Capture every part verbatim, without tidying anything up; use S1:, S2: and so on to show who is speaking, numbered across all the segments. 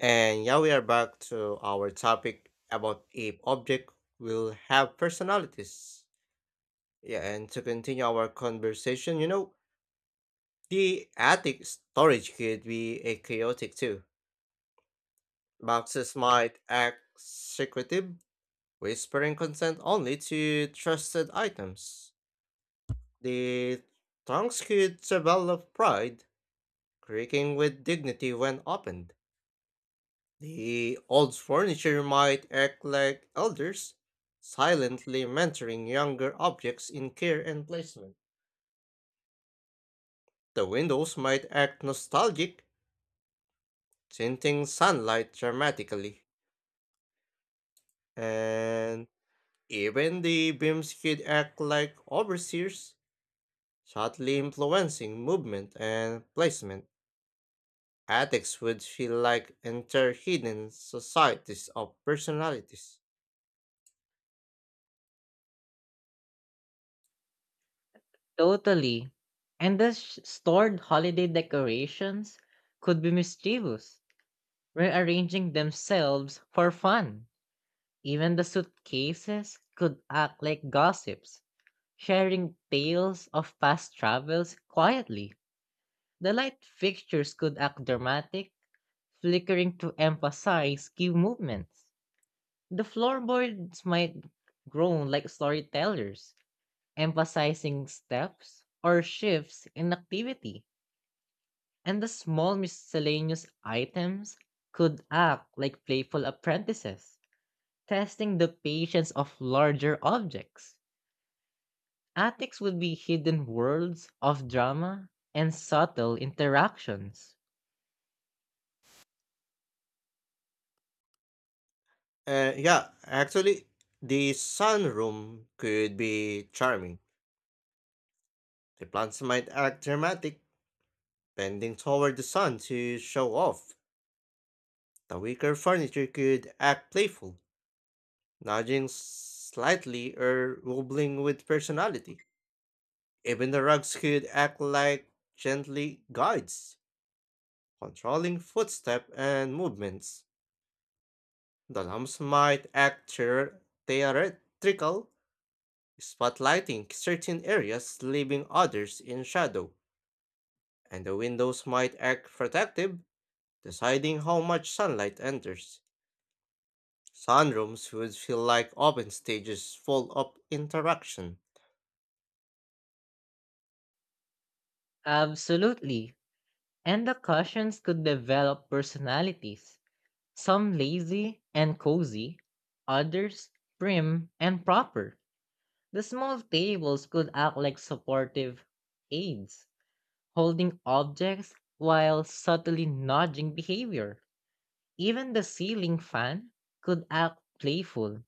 S1: And yeah, we are back to our topic about if object will have personalities. Yeah, and to continue our conversation, you know, the attic storage could be a chaotic too. Boxes might act secretive, whispering consent only to trusted items. The trunks could develop pride, creaking with dignity when opened. The old furniture might act like elders, silently mentoring younger objects in care and placement. The windows might act nostalgic, tinting sunlight dramatically. And even the beams could act like overseers, subtly influencing movement and placement. Attics would feel like entire hidden societies of personalities.
S2: Totally. And the sh- stored holiday decorations could be mischievous, rearranging themselves for fun. Even the suitcases could act like gossips, sharing tales of past travels quietly. The light fixtures could act dramatic, flickering to emphasize key movements. The floorboards might groan like storytellers, emphasizing steps or shifts in activity. And the small miscellaneous items could act like playful apprentices, testing the patience of larger objects. Attics would be hidden worlds of drama and subtle interactions.
S1: Uh, yeah, actually, the sunroom could be charming. The plants might act dramatic, bending toward the sun to show off. The weaker furniture could act playful, nudging slightly or wobbling with personality. Even the rugs could act like gently guides, controlling footstep and movements. The lamps might act theor- theatrical, spotlighting certain areas, leaving others in shadow, and the windows might act protective, deciding how much sunlight enters. Sunrooms would feel like open stages full of interaction.
S2: Absolutely. And the cushions could develop personalities, some lazy and cozy, others prim and proper. The small tables could act like supportive aids holding objects while subtly nudging behavior. Even the ceiling fan could act playful,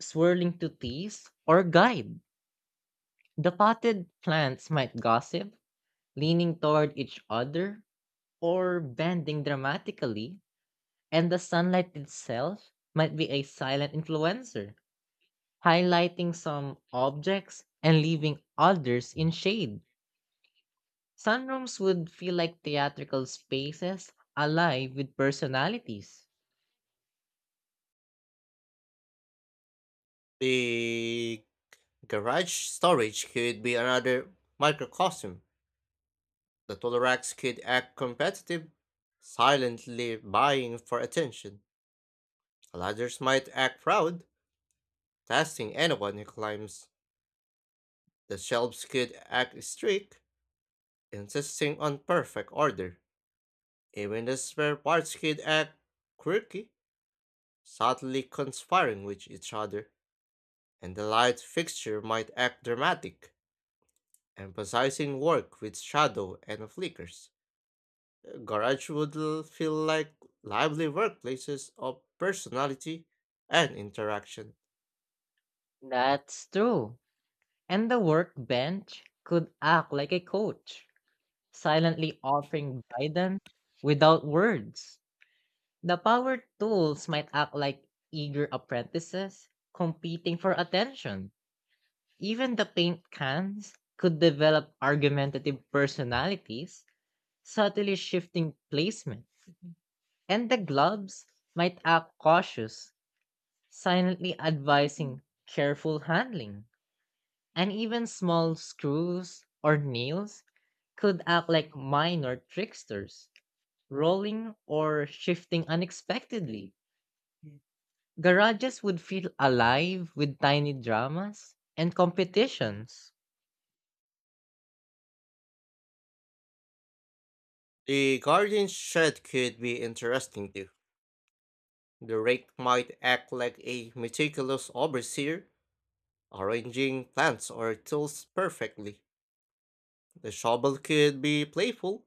S2: swirling to tease or guide. The potted plants might gossip, leaning toward each other or bending dramatically, and the sunlight itself might be a silent influencer, highlighting some objects and leaving others in shade. Sunrooms would feel like theatrical spaces alive with personalities.
S1: The garage storage could be another microcosm. The tool racks could act competitive, silently vying for attention. Ladders might act proud, testing anyone who climbs. The shelves could act strict, insisting on perfect order. Even the spare parts could act quirky, subtly conspiring with each other. And the light fixture might act dramatic, emphasizing work with shadow and flickers. The garage would l- feel like lively workplaces of personality and interaction.
S2: That's true. And the workbench could act like a coach, silently offering guidance without words. The power tools might act like eager apprentices competing for attention. Even the paint cans could develop argumentative personalities, subtly shifting placement. And the gloves might act cautious silently advising careful handling. And even small screws or nails could act like minor tricksters, rolling or shifting unexpectedly. Garages would feel alive with tiny dramas and competitions.
S1: The guardian shed could be interesting too. The rake might act like a meticulous overseer, arranging plants or tools perfectly. The shovel could be playful,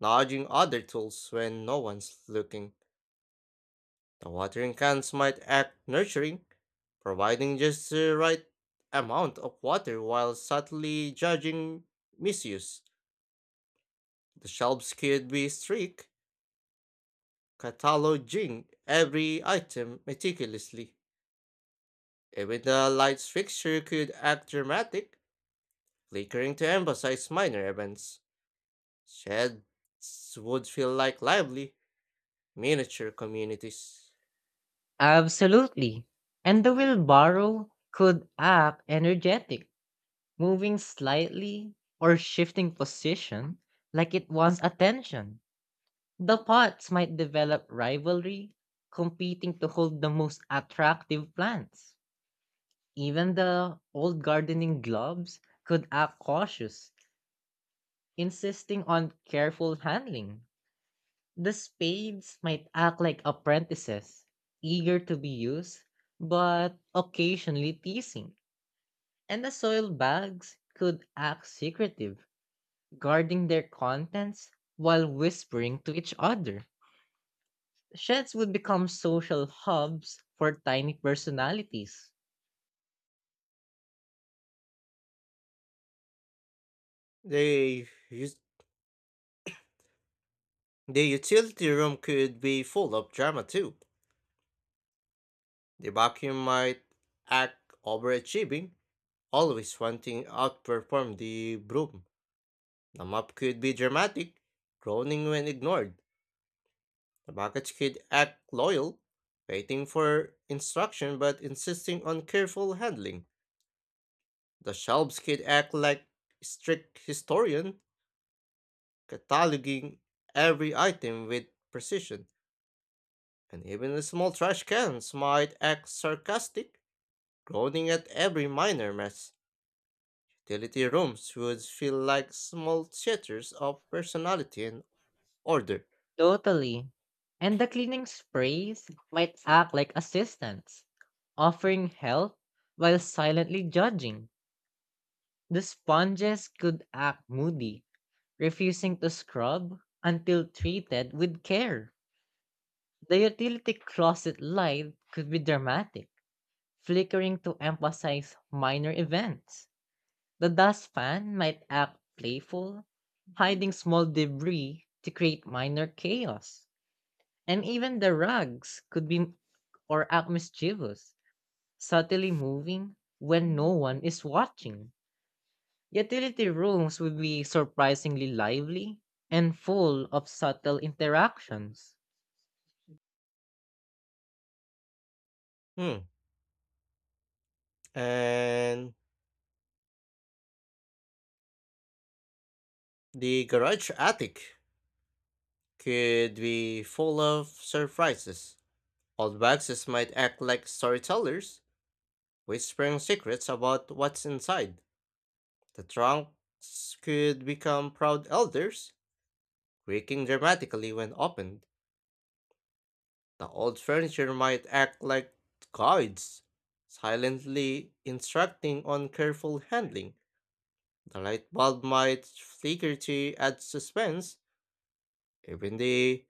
S1: nudging other tools when no one's looking. The watering cans might act nurturing, providing just the right amount of water while subtly judging misuse. The shelves could be strict, cataloging every item meticulously. Even the lights fixture could act dramatic, flickering to emphasize minor events. Sheds would feel like lively, miniature communities.
S2: Absolutely. And the wheelbarrow could act energetic, moving slightly or shifting position like it wants attention. The pots might develop rivalry, competing to hold the most attractive plants. Even the old gardening gloves could act cautious, insisting on careful handling. The spades might act like apprentices, eager to be used, but occasionally teasing. And the soil bags could act secretive, guarding their contents while whispering to each other. Sheds would become social hubs for tiny personalities.
S1: The, us- the utility room could be full of drama too. The vacuum might act overachieving, always wanting to outperform the broom. The mop could be dramatic, groaning when ignored. The package could act loyal, waiting for instruction but insisting on careful handling. The shelves could act like strict historian, cataloging every item with precision, and even the small trash cans might act sarcastic, groaning at every minor mess. Utility rooms would feel like small theaters of personality and order.
S2: Totally. And the cleaning sprays might act like assistants, offering help while silently judging. The sponges could act moody, refusing to scrub until treated with care. The utility closet light could be dramatic, flickering to emphasize minor events. The dust fan might act playful, hiding small debris to create minor chaos. And even the rugs could be or act mischievous, subtly moving when no one is watching. Utility rooms would be surprisingly lively and full of subtle interactions.
S1: Hmm. And the garage attic could be full of surprises. Old boxes might act like storytellers, whispering secrets about what's inside. The trunks could become proud elders, creaking dramatically when opened. The old furniture might act like guides, silently instructing on careful handling. The light bulb might flicker to add suspense. Even the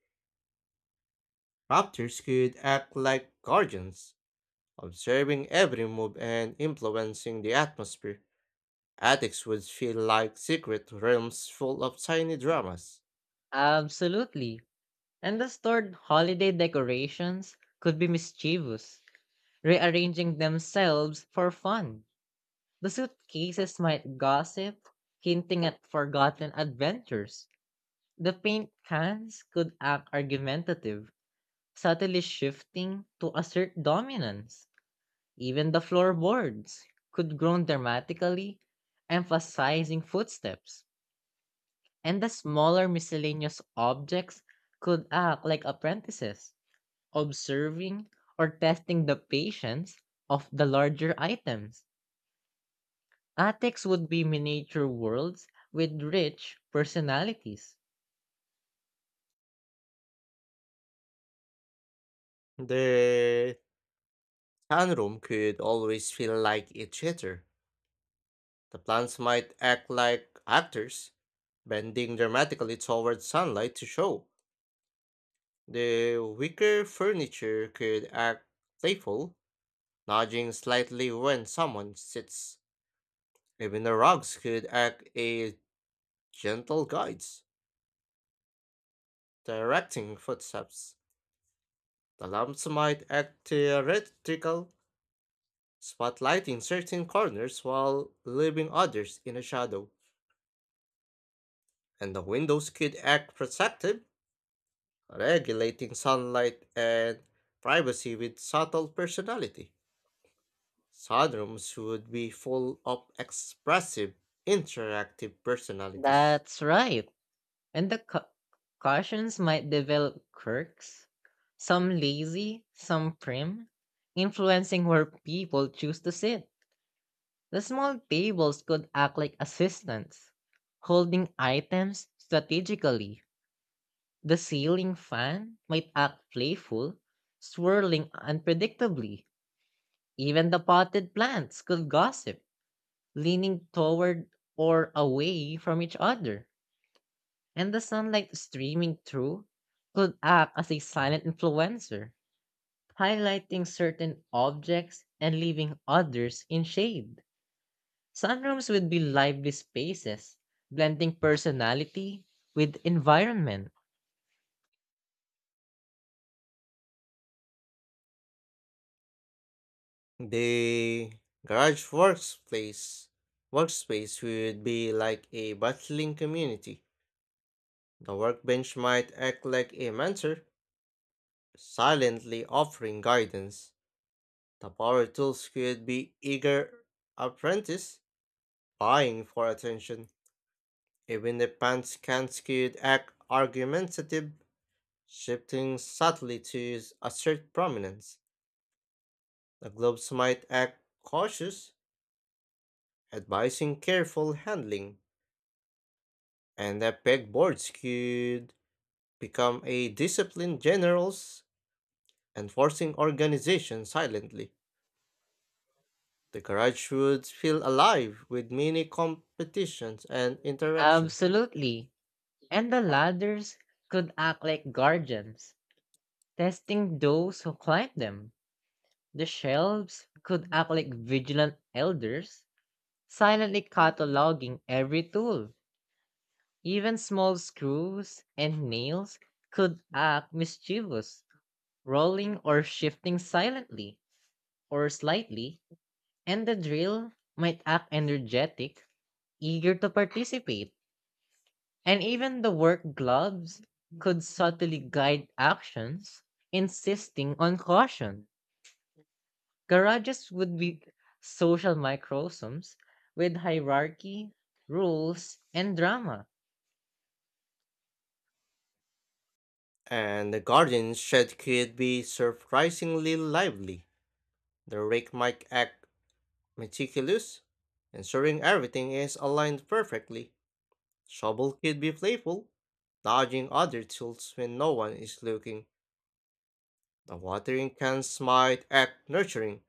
S1: raptors could act like guardians, observing every move and influencing the atmosphere. Attics would feel like secret realms full of tiny dramas.
S2: Absolutely. And the stored holiday decorations could be mischievous, rearranging themselves for fun. The suitcases might gossip, hinting at forgotten adventures. The paint cans could act argumentative, subtly shifting to assert dominance. Even the floorboards could groan dramatically, emphasizing footsteps. And the smaller miscellaneous objects could act like apprentices, observing or testing the patience of the larger items. Attics would be miniature worlds with rich personalities.
S1: The Tanrum could always feel like each other. The plants might act like actors, bending dramatically towards sunlight to show. The wicker furniture could act playful, nudging slightly when someone sits. Even the rugs could act as gentle guides, directing footsteps. The lamps might act theatrical, spotlighting certain corners while leaving others in a shadow, and the windows could act protective, regulating sunlight and privacy with subtle personality. Sunrooms would be full of expressive, interactive personalities.
S2: That's right. And the ca- cautions might develop quirks, some lazy, some prim, influencing where people choose to sit. The small tables could act like assistants, holding items strategically. The ceiling fan might act playful, swirling unpredictably. Even the potted plants could gossip leaning toward or away from each other, and the sunlight streaming through could act as a silent influencer, highlighting certain objects and leaving others in shade. Sunrooms would be lively spaces, blending personality with environment.
S1: The garage workspace workspace would be like a bustling community. The workbench might act like a mentor, silently offering guidance. The power tools could be eager apprentices buying for attention, even the pants could act argumentative, shifting subtly to assert prominence. The gloves might act cautious, advising careful handling, and the pegboards could become a disciplined generals, enforcing organization silently. The garage would feel alive with many competitions and interactions,
S2: Absolutely. And the ladders could act like guardians, testing those who climb them. The shelves could act like vigilant elders, silently cataloging every tool. Even small screws and nails could act mischievous, rolling or shifting silently or slightly, and the drill might act energetic, eager to participate. And even the work gloves could subtly guide actions, insisting on caution. Garages would be social microcosms with hierarchy, rules, and drama.
S1: and the garden shed could be surprisingly lively. The rake might act meticulous, ensuring everything is aligned perfectly. Shovel could be playful, dodging other tools when no one is looking. The watering cans might act nurturing,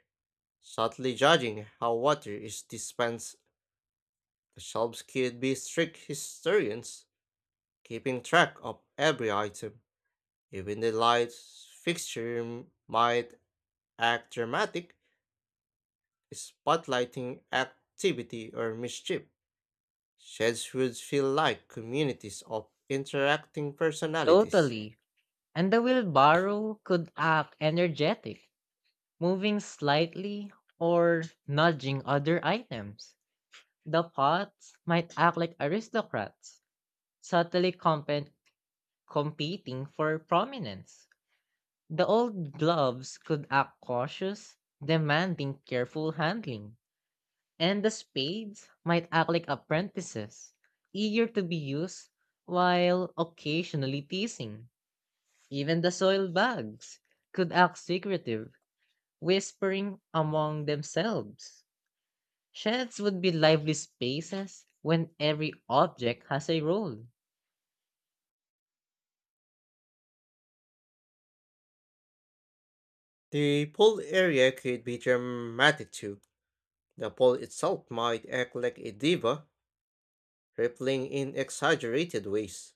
S1: subtly judging how water is dispensed. The shelves could be strict historians, keeping track of every item. Even the light fixture might act dramatic, spotlighting activity or mischief. Sheds would feel like communities of interacting personalities.
S2: Totally. And the wheelbarrow could act energetic, moving slightly or nudging other items. The pots might act like aristocrats, subtly comp- competing for prominence. The old gloves could act cautious, demanding careful handling. And the spades might act like apprentices, eager to be used while occasionally teasing. Even the soil bugs could act secretive, whispering among themselves. Sheds would be lively spaces when every object has a role.
S1: The pool area could be dramatic too. The pool itself might act like a diva, rippling in exaggerated ways.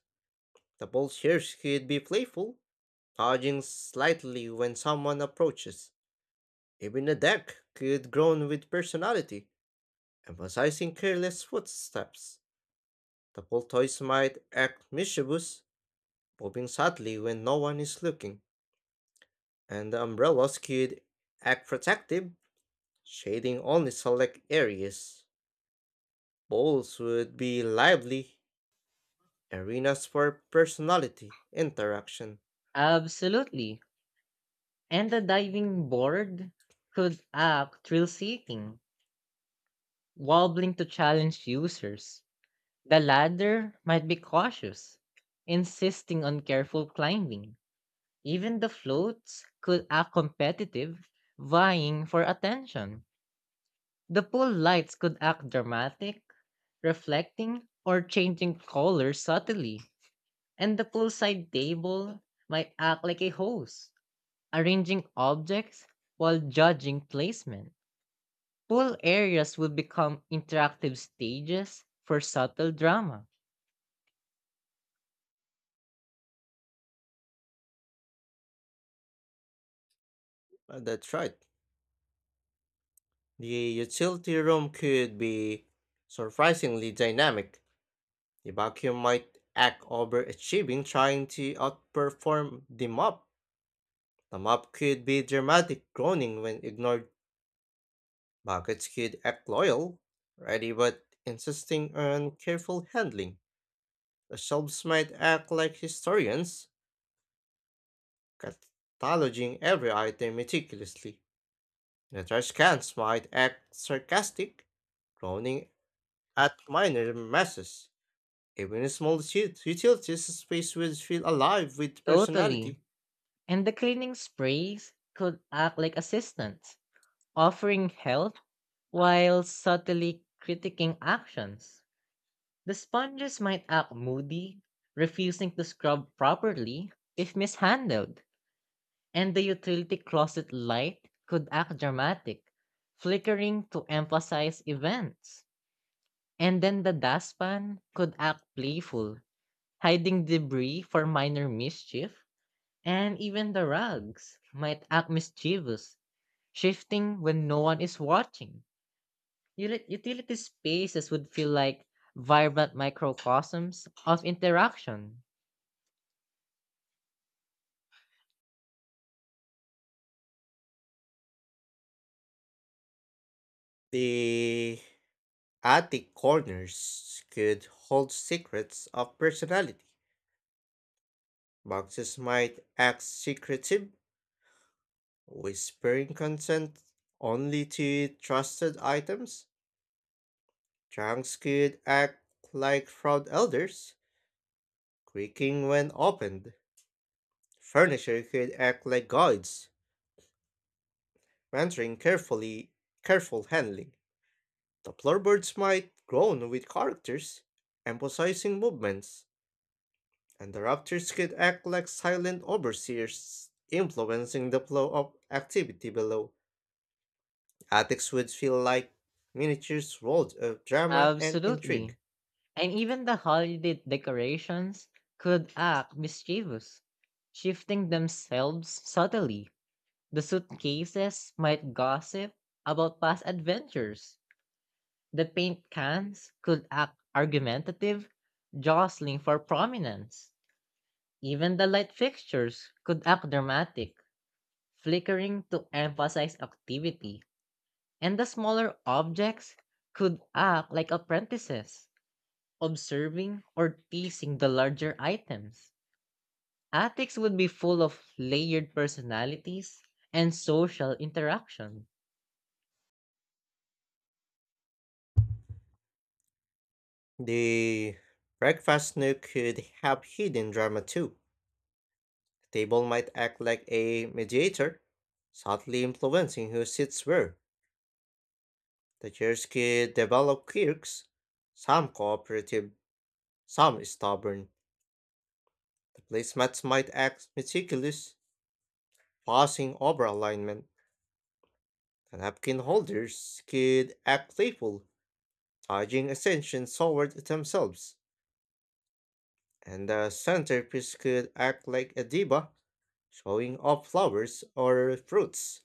S1: The pool chairs could be playful, dodging slightly when someone approaches. Even the deck could groan with personality, emphasizing careless footsteps. The pool toys might act mischievous, bobbing sadly when no one is looking, and the umbrellas could act protective, shading only select areas. Bowls would be lively arenas for personality interaction.
S2: Absolutely. And the diving board could act thrill seeking, wobbling to challenge users. The ladder might be cautious, insisting on careful climbing. Even the floats could act competitive, vying for attention. The pool lights could act dramatic, reflecting, or changing colors subtly. And the poolside table might act like a host, arranging objects while judging placement. Pool areas would become interactive stages for subtle drama.
S1: Uh, That's right. The utility room could be surprisingly dynamic. The vacuum might act overachieving, trying to outperform the mop. The mop could be dramatic, groaning when ignored. Buckets could act loyal, ready but insisting on careful handling. The shops might act like historians, cataloging every item meticulously. The trash cans might act sarcastic, groaning at minor messes. Even a small ut- utilities space will feel alive with
S2: Totally.
S1: personality.
S2: And the cleaning sprays could act like assistants, offering help while subtly critiquing actions. The sponges might act moody, refusing to scrub properly if mishandled, and the utility closet light could act dramatic, flickering to emphasize events. And then the dustpan could act playful, hiding debris for minor mischief, and even the rugs might act mischievous, shifting when no one is watching. Uli- Utility spaces would feel like vibrant microcosms of interaction.
S1: The attic corners could hold secrets of personality. Boxes might act secretive, whispering consent only to trusted items. Trunks could act like proud elders, creaking when opened. Furniture could act like guides, mentoring carefully, careful handling. The floorboards might groan with characters, emphasizing movements, and the raptors could act like silent overseers, influencing the flow of activity below. Attics would feel like miniatures world of drama and
S2: Absolutely.
S1: intrigue.
S2: And even the holiday decorations could act mischievous, shifting themselves subtly. The suitcases might gossip about past adventures. The paint cans could act argumentative, jostling for prominence. Even the light fixtures could act dramatic, flickering to emphasize activity. And the smaller objects could act like apprentices observing or teasing the larger items. Attics would be full of layered personalities and social interaction.
S1: The breakfast nook could have hidden drama too. Table might act like a mediator, subtly influencing who sits where. The chairs could develop quirks, some cooperative, some stubborn. The placemats might act meticulous, passing over alignment. The napkin holders could act playful, charging attention toward themselves. And the centerpiece could act like a diva, showing off flowers or fruits.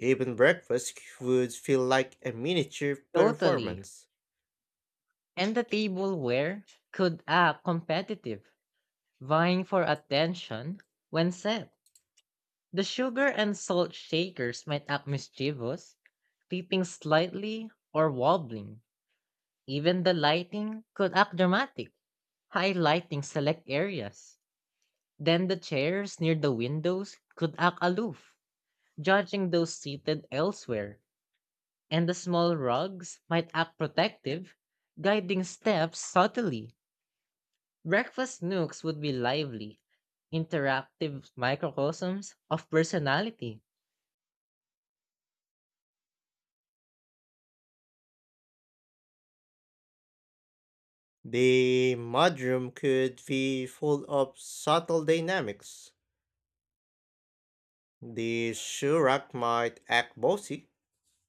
S1: Even breakfast would feel like a miniature
S2: Totally.
S1: performance.
S2: And the tableware could act competitive, vying for attention when set. The sugar and salt shakers might act mischievous, tipping slightly or wobbling. Even the lighting could act dramatic, highlighting select areas. Then the chairs near the windows could act aloof, judging those seated elsewhere, and the small rugs might act protective, guiding steps subtly. Breakfast nooks would be lively, interactive microcosms of personality.
S1: The mudroom could be full of subtle dynamics. The shurak might act bossy,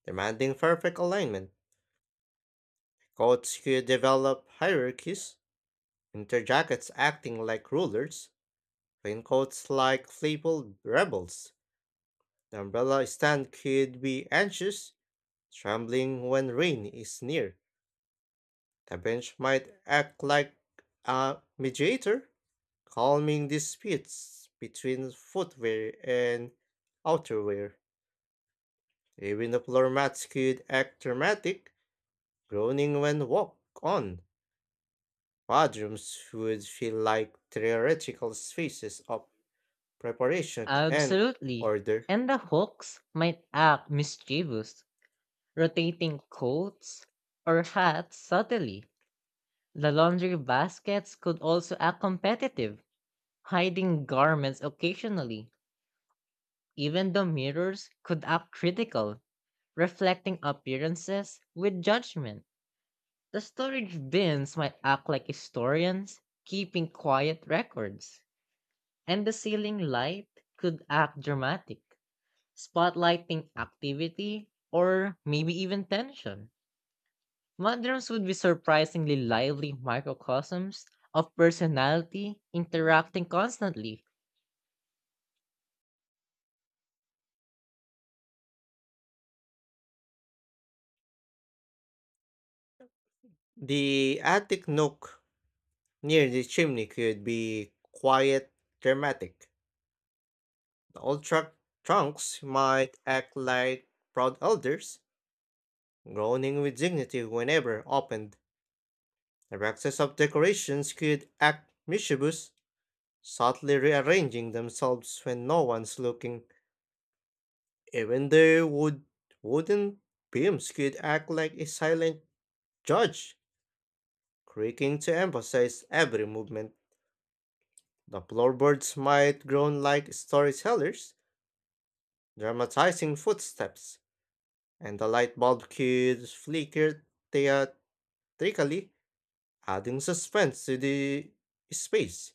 S1: demanding perfect alignment. Coats could develop hierarchies, interjackets acting like rulers, raincoats like playful rebels. The umbrella stand could be anxious, trembling when rain is near. The bench might act like a mediator, calming disputes between footwear and outerwear. Even the floor mats could act dramatic, groaning when walked on. Bedrooms would feel like theoretical spaces of preparation and
S2: Absolutely.
S1: order.
S2: And the hooks might act mischievous, rotating coats or hats subtly. The laundry baskets could also act competitive, hiding garments occasionally, even the mirrors, could act critical, reflecting appearances with judgment. The storage bins might act like historians, keeping quiet records. And the ceiling light could act dramatic, spotlighting activity or maybe even tension. Mothers would be surprisingly lively microcosms of personality interacting constantly.
S1: The attic nook near the chimney could be quiet, dramatic. The old truck trunks might act like proud elders, groaning with dignity whenever opened. The boxes of decorations could act mischievous, subtly rearranging themselves when no one's looking. Even the wood wooden beams could act like a silent judge, creaking to emphasize every movement. The floorboards might groan like storytellers, dramatizing footsteps, and the light bulb could flicker theatrically, adding suspense to the space.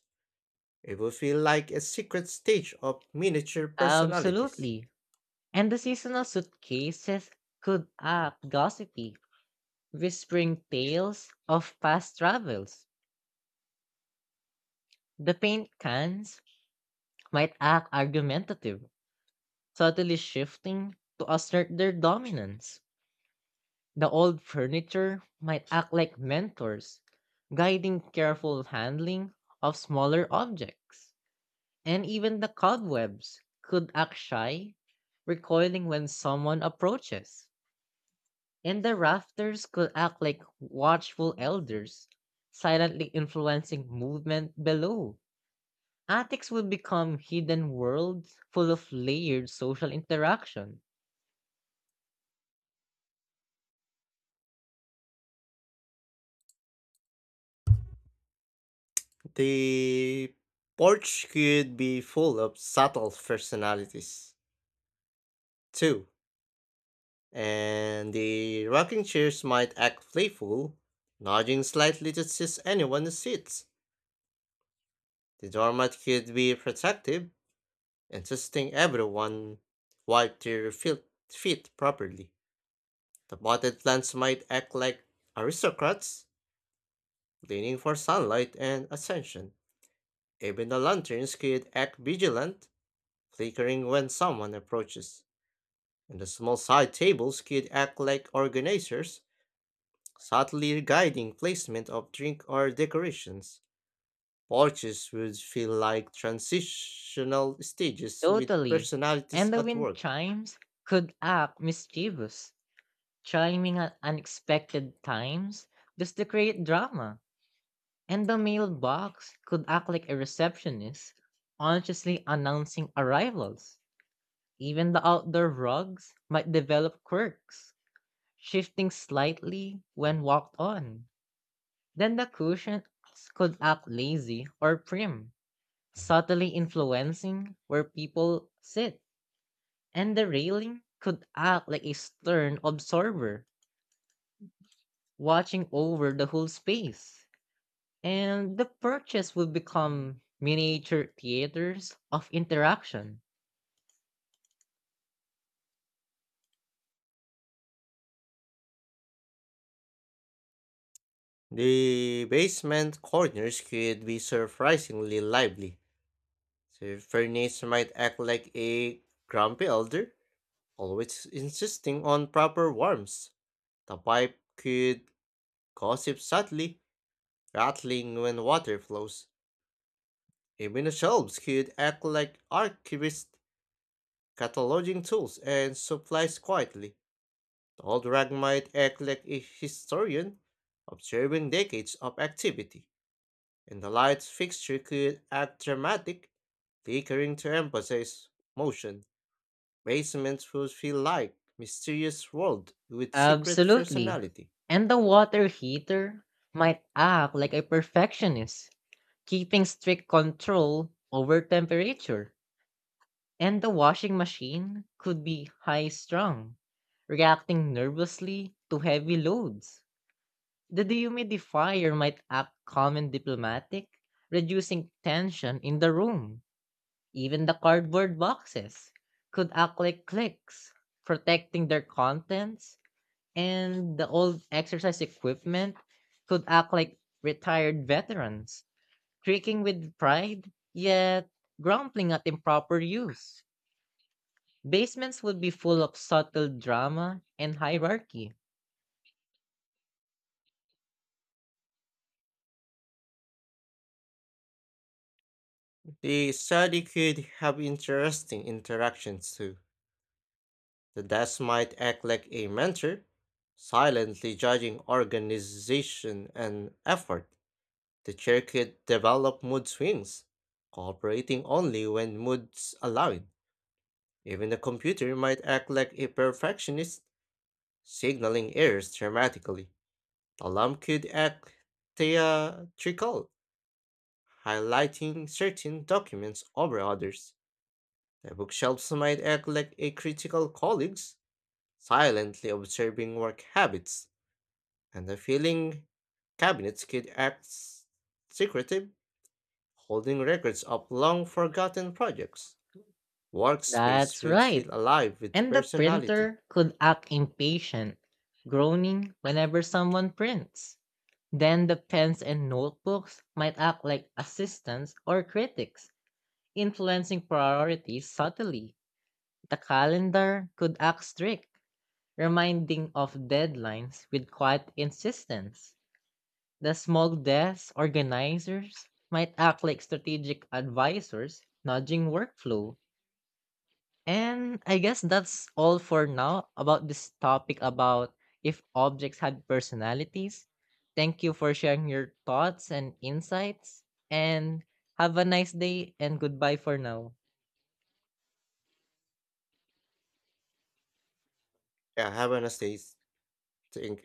S1: It would feel like a secret stage of miniature personalities.
S2: Absolutely. And the seasonal suitcases could act gossipy, whispering tales of past travels. The paint cans might act argumentative, subtly shifting to assert their dominance. The old furniture might act like mentors, guiding careful handling of smaller objects. And even the cobwebs could act shy, recoiling when someone approaches. And the rafters could act like watchful elders, silently influencing movement below. Attics would become hidden worlds full of layered social interaction.
S1: The porch could be full of subtle personalities, too, and the rocking chairs might act playful, nodding slightly to seize anyone who sits. The doormat could be protective, insisting everyone wipe their fil- feet properly. The potted plants might act like aristocrats, leaning for sunlight and attention. Even the lanterns could act vigilant, flickering when someone approaches. And the small side tables could act like organizers, subtly guiding placement of drink or decorations. Porches would feel like transitional stages with
S2: Totally.
S1: personalities
S2: And the
S1: at
S2: wind
S1: work.
S2: chimes could act mischievous, chiming at unexpected times just to create drama. And the mailbox could act like a receptionist, consciously announcing arrivals. Even the outdoor rugs might develop quirks, shifting slightly when walked on. Then the cushions could act lazy or prim subtly influencing where people sit, and the railing could act like a stern observer, watching over the whole space. And the purchase would become miniature theaters of interaction.
S1: The basement corners could be surprisingly lively. The furnace might act like a grumpy elder, always insisting on proper warmth. The pipe could gossip subtly, rattling when water flows. Even the shelves could act like archivists, cataloging tools and supplies quietly. The old rag might act like a historian, observing decades of activity, and the light fixture could act dramatic, flickering to emphasize motion. Basements would feel like mysterious world with secret
S2: Absolutely.
S1: personality.
S2: And the water heater might act like a perfectionist, keeping strict control over temperature. And the washing machine could be high strung, reacting nervously to heavy loads. The dehumidifier might act calm and diplomatic, reducing tension in the room. Even the cardboard boxes could act like clicks, protecting their contents, and the old exercise equipment could act like retired veterans, creaking with pride, yet grumbling at improper use. Basements would be full of subtle drama and hierarchy.
S1: The study could have interesting interactions too. The desk might act like a mentor, silently judging organization and effort. The chair could develop mood swings, cooperating only when moods allowed. Even the computer might act like a perfectionist, signaling errors dramatically. The alarm could act theatrical, highlighting certain documents over others. The bookshelves might act like a critical colleagues, silently observing work habits, and the filing cabinets could act s- secretive, holding records of long forgotten projects. Workspace
S2: That's
S1: would feel
S2: right.
S1: alive with
S2: And the
S1: personality.
S2: printer could act impatient, groaning whenever someone prints. Then the pens and notebooks might act like assistants or critics, influencing priorities subtly. The calendar could act strict, reminding of deadlines with quiet insistence. The small desk organizers might act like strategic advisors, nudging workflow. And I guess that's all for now about this topic about if objects had personalities. Thank you for sharing your thoughts and insights. And have a nice day and goodbye for now.
S1: Yeah, have a nice day. Thank